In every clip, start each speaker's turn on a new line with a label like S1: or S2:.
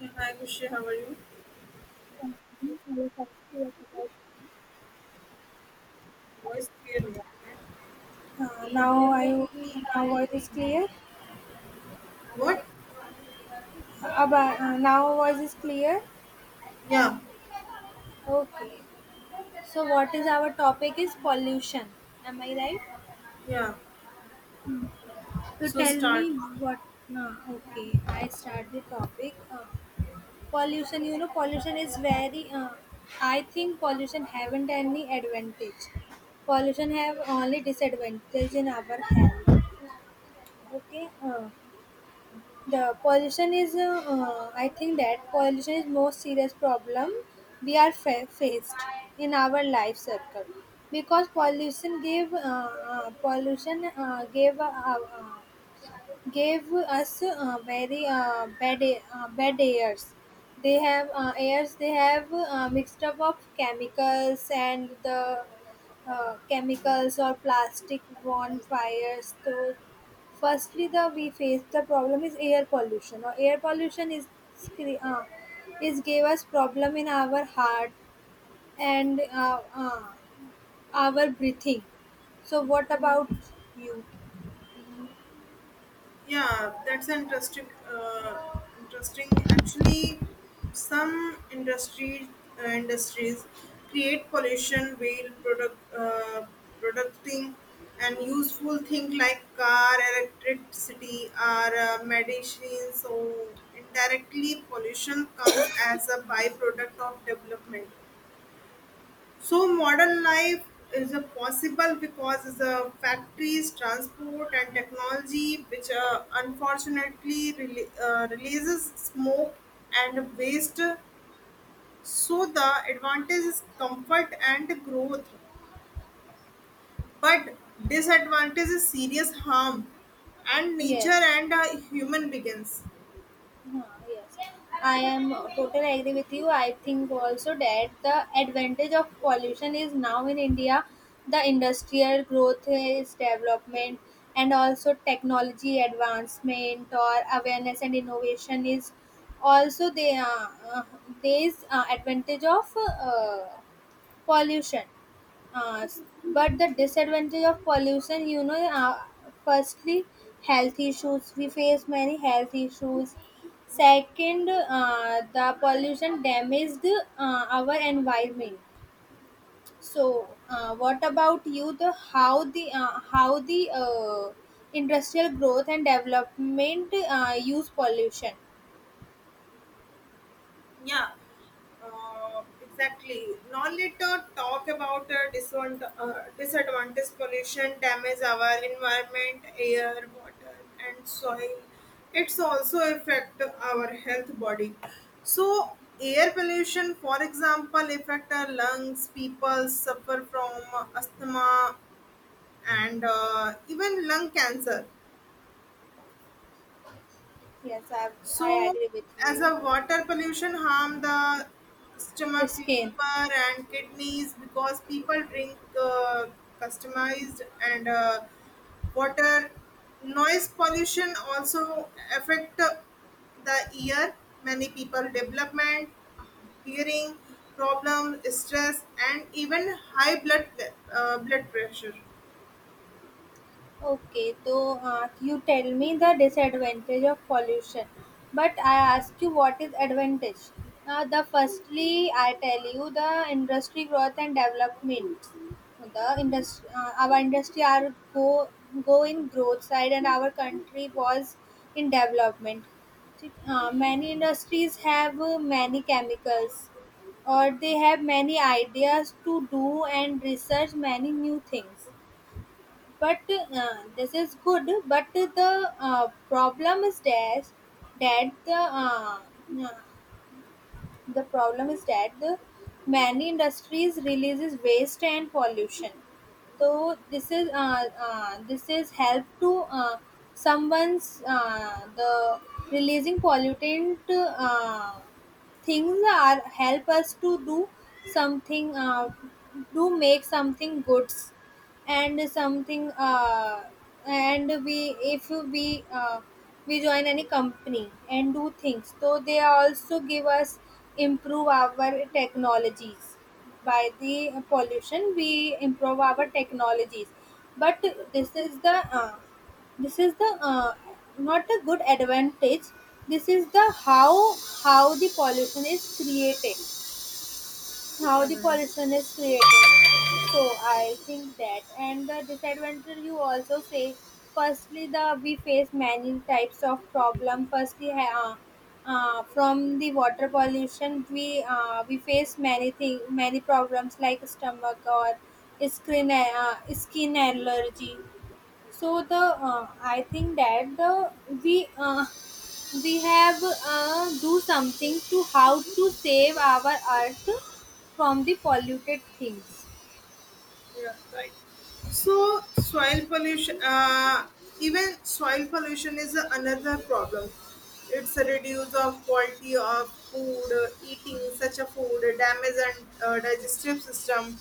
S1: Yeah, hi, Kushi, how are you?
S2: Uh,
S1: Voice clearly. Okay.
S2: Now I now voice is clear.
S1: What?
S2: Aba, now voice is clear.
S1: Yeah.
S2: Okay. So what is our topic is pollution. Am I right?
S1: Yeah.
S2: So
S1: So
S2: tell me
S1: start.
S2: what. No, okay. I start the topic. Pollution. Pollution is very. I think pollution haven't any advantage. Pollution have only disadvantage in our health. Okay. The pollution is, I think that pollution is most serious problem we are faced in our life circle because pollution gave gave us very bad bad airs. They have airs. They have mixed up of chemicals and the chemicals or plastic bonfires. So, firstly, the we face the problem is air pollution. Or air pollution is scre- uh, is gave us problem in our heart and our breathing. So, what about you?
S1: Yeah, that's an interesting. Actually, some industry industries create pollution while producting and useful things like car, electricity, or medicines. So indirectly, pollution comes as a byproduct of development. So modern life is a possible because of the factories, transport, and technology, which unfortunately releases smoke and waste. So the advantage is comfort and growth, but disadvantage is serious harm and nature
S2: Yes.
S1: and human begins.
S2: Huh, yes, I am totally agree with you. I think also that the advantage of pollution is now in India, the industrial growth is development and also technology advancement or awareness and innovation is also the uh, there is advantage of pollution uh, s- but the disadvantage of pollution firstly health issues we face many health issues second the pollution damaged our environment so what about you the how the how the industrial growth and development use pollution.
S1: Yeah, exactly. Now let us talk about disadvantage pollution damage our environment, air, water, and soil. It's also affect our health body. So air pollution, for example, affect our lungs. People suffer from asthma and even lung cancer.
S2: Yes, I i
S1: So,
S2: agree with
S1: as
S2: you.
S1: a water pollution harm the stomach,
S2: Skin.
S1: liver, and kidneys because people drink customized and water. Noise pollution also affect the ear. Many people development, hearing problem, stress, and even high blood blood pressure.
S2: Okay, so you tell me the disadvantage of pollution, but I ask you what is advantage. The firstly, I tell you the industry growth and development. The industry, our industry are go in growth side, and our country was in development. Many industries have many chemicals, or they have many ideas to do and research many new things but this is good. But the problem is that uh, the problem is that the many industries releases waste and pollution. So this is help to someone's the releasing pollutant things are help us to do something do make something goods and something and we if we we join any company and do things so they also give us improve our technologies by the pollution we improve our technologies but this is the uh, this is the not a good advantage. This is the how the pollution is created how
S1: Yeah,
S2: the
S1: right.
S2: pollution is created. So I think that and the disadvantage you also say. Firstly, the we face many types of problem. Firstly, from the water pollution, we face many thing many problems like stomach or skin allergy. So the I think that the we uh, we have do something to how to save our earth from the polluted things.
S1: Yeah, right. So soil pollution, even soil pollution is another problem. It's a reduce of quality of food, eating such a food, damage and digestive system.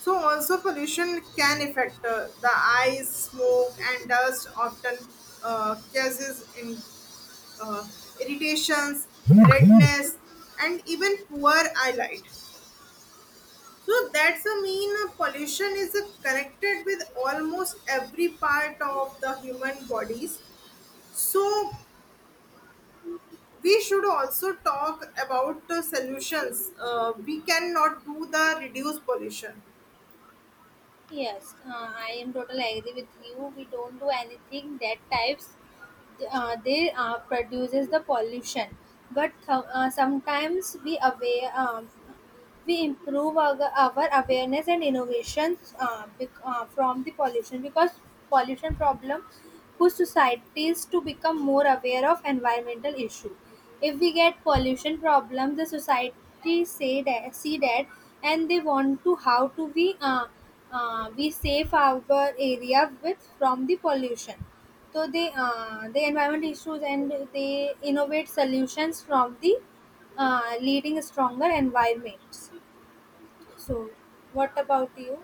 S1: So also pollution can affect the eyes, smoke and dust often causes uh, irritations, redness, and even poor eyelight. So that's a mean pollution is connected with almost every part of the human bodies. So we should also talk about solutions. We cannot do the reduce pollution.
S2: Yes, I am totally agree with you. We don't do anything that types they produces the pollution but sometimes we aware, we improve our awareness and innovations, from the pollution because pollution problem push societies to become more aware of environmental issue. If we get pollution problem the society say that see that and they want to how to we save our area with from the pollution. So they the environment issues and they innovate solutions from the leading stronger environments. So, what about you?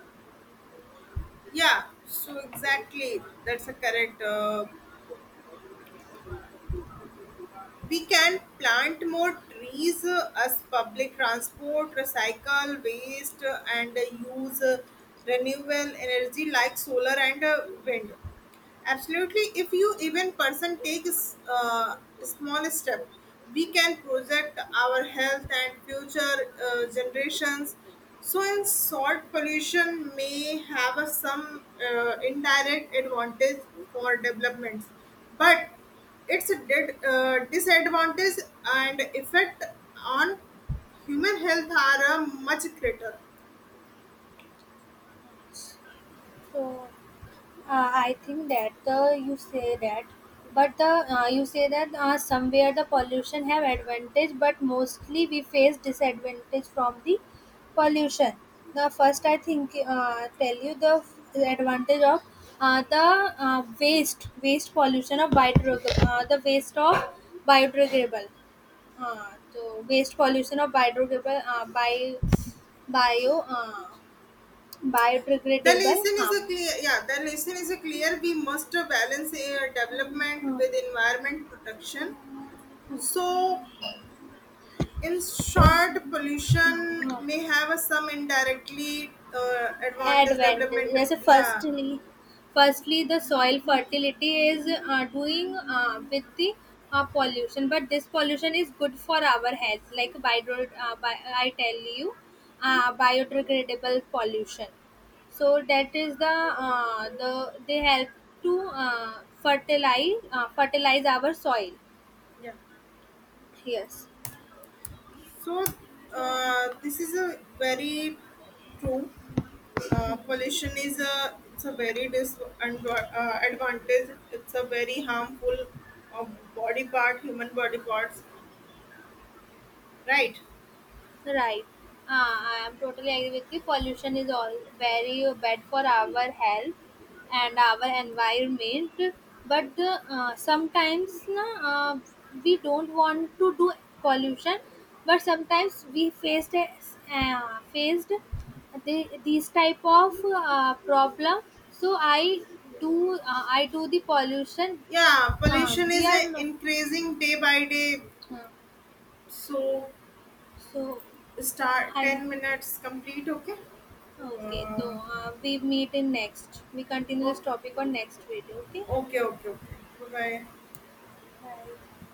S1: Yeah, so exactly that's a correct. We can plant more trees as public transport, recycle waste, and use renewable energy like solar and wind. Absolutely, if you even person takes a small step, we can project our health and future generations. So, in short, pollution may have a, some indirect advantage for developments, but it's a disadvantage and effect on human health are much greater.
S2: So, I think that the you say that, but the you say that somewhere the pollution have advantage, but mostly we face disadvantage from the pollution. The first I think tell you the advantage of the waste pollution of biodegradable, the waste of biodegradable. हाँ, तो waste pollution और biodegradable uh, by bio uh,
S1: The
S2: biodegradable
S1: lesson is
S2: हाँ,
S1: a clear, yeah, the lesson is a clear. We must balance development
S2: हाँ,
S1: with environment protection. So, in short, pollution may
S2: हाँ।
S1: have a some indirectly advantage
S2: Advantage.
S1: development.
S2: Yes.
S1: Yeah,
S2: Firstly the soil fertility is doing with the pollution but this pollution is good for our health like bio, bi I tell you biodegradable pollution. So that is the they help to fertilize our soil.
S1: yeah.
S2: Yes.
S1: So, this is a very true. Pollution is a it's a very disadvantage. Advantage. It's a very harmful uh, body part, human body parts, right?
S2: Right. I am totally agree with you. Pollution is all very bad for our health and our environment. But the, sometimes na, we don't want to do pollution. But sometimes we faced the, these type of problem. So I do the pollution.
S1: Yeah, pollution
S2: We
S1: is
S2: are no,
S1: increasing day by day,
S2: uh,
S1: so
S2: so
S1: start
S2: I
S1: 10 minutes complete. Okay.
S2: okay, so
S1: Uh,
S2: we meet in next. We continue this
S1: oh,
S2: topic on next video. Okay,
S1: okay, okay, okay, bye bye.
S2: bye.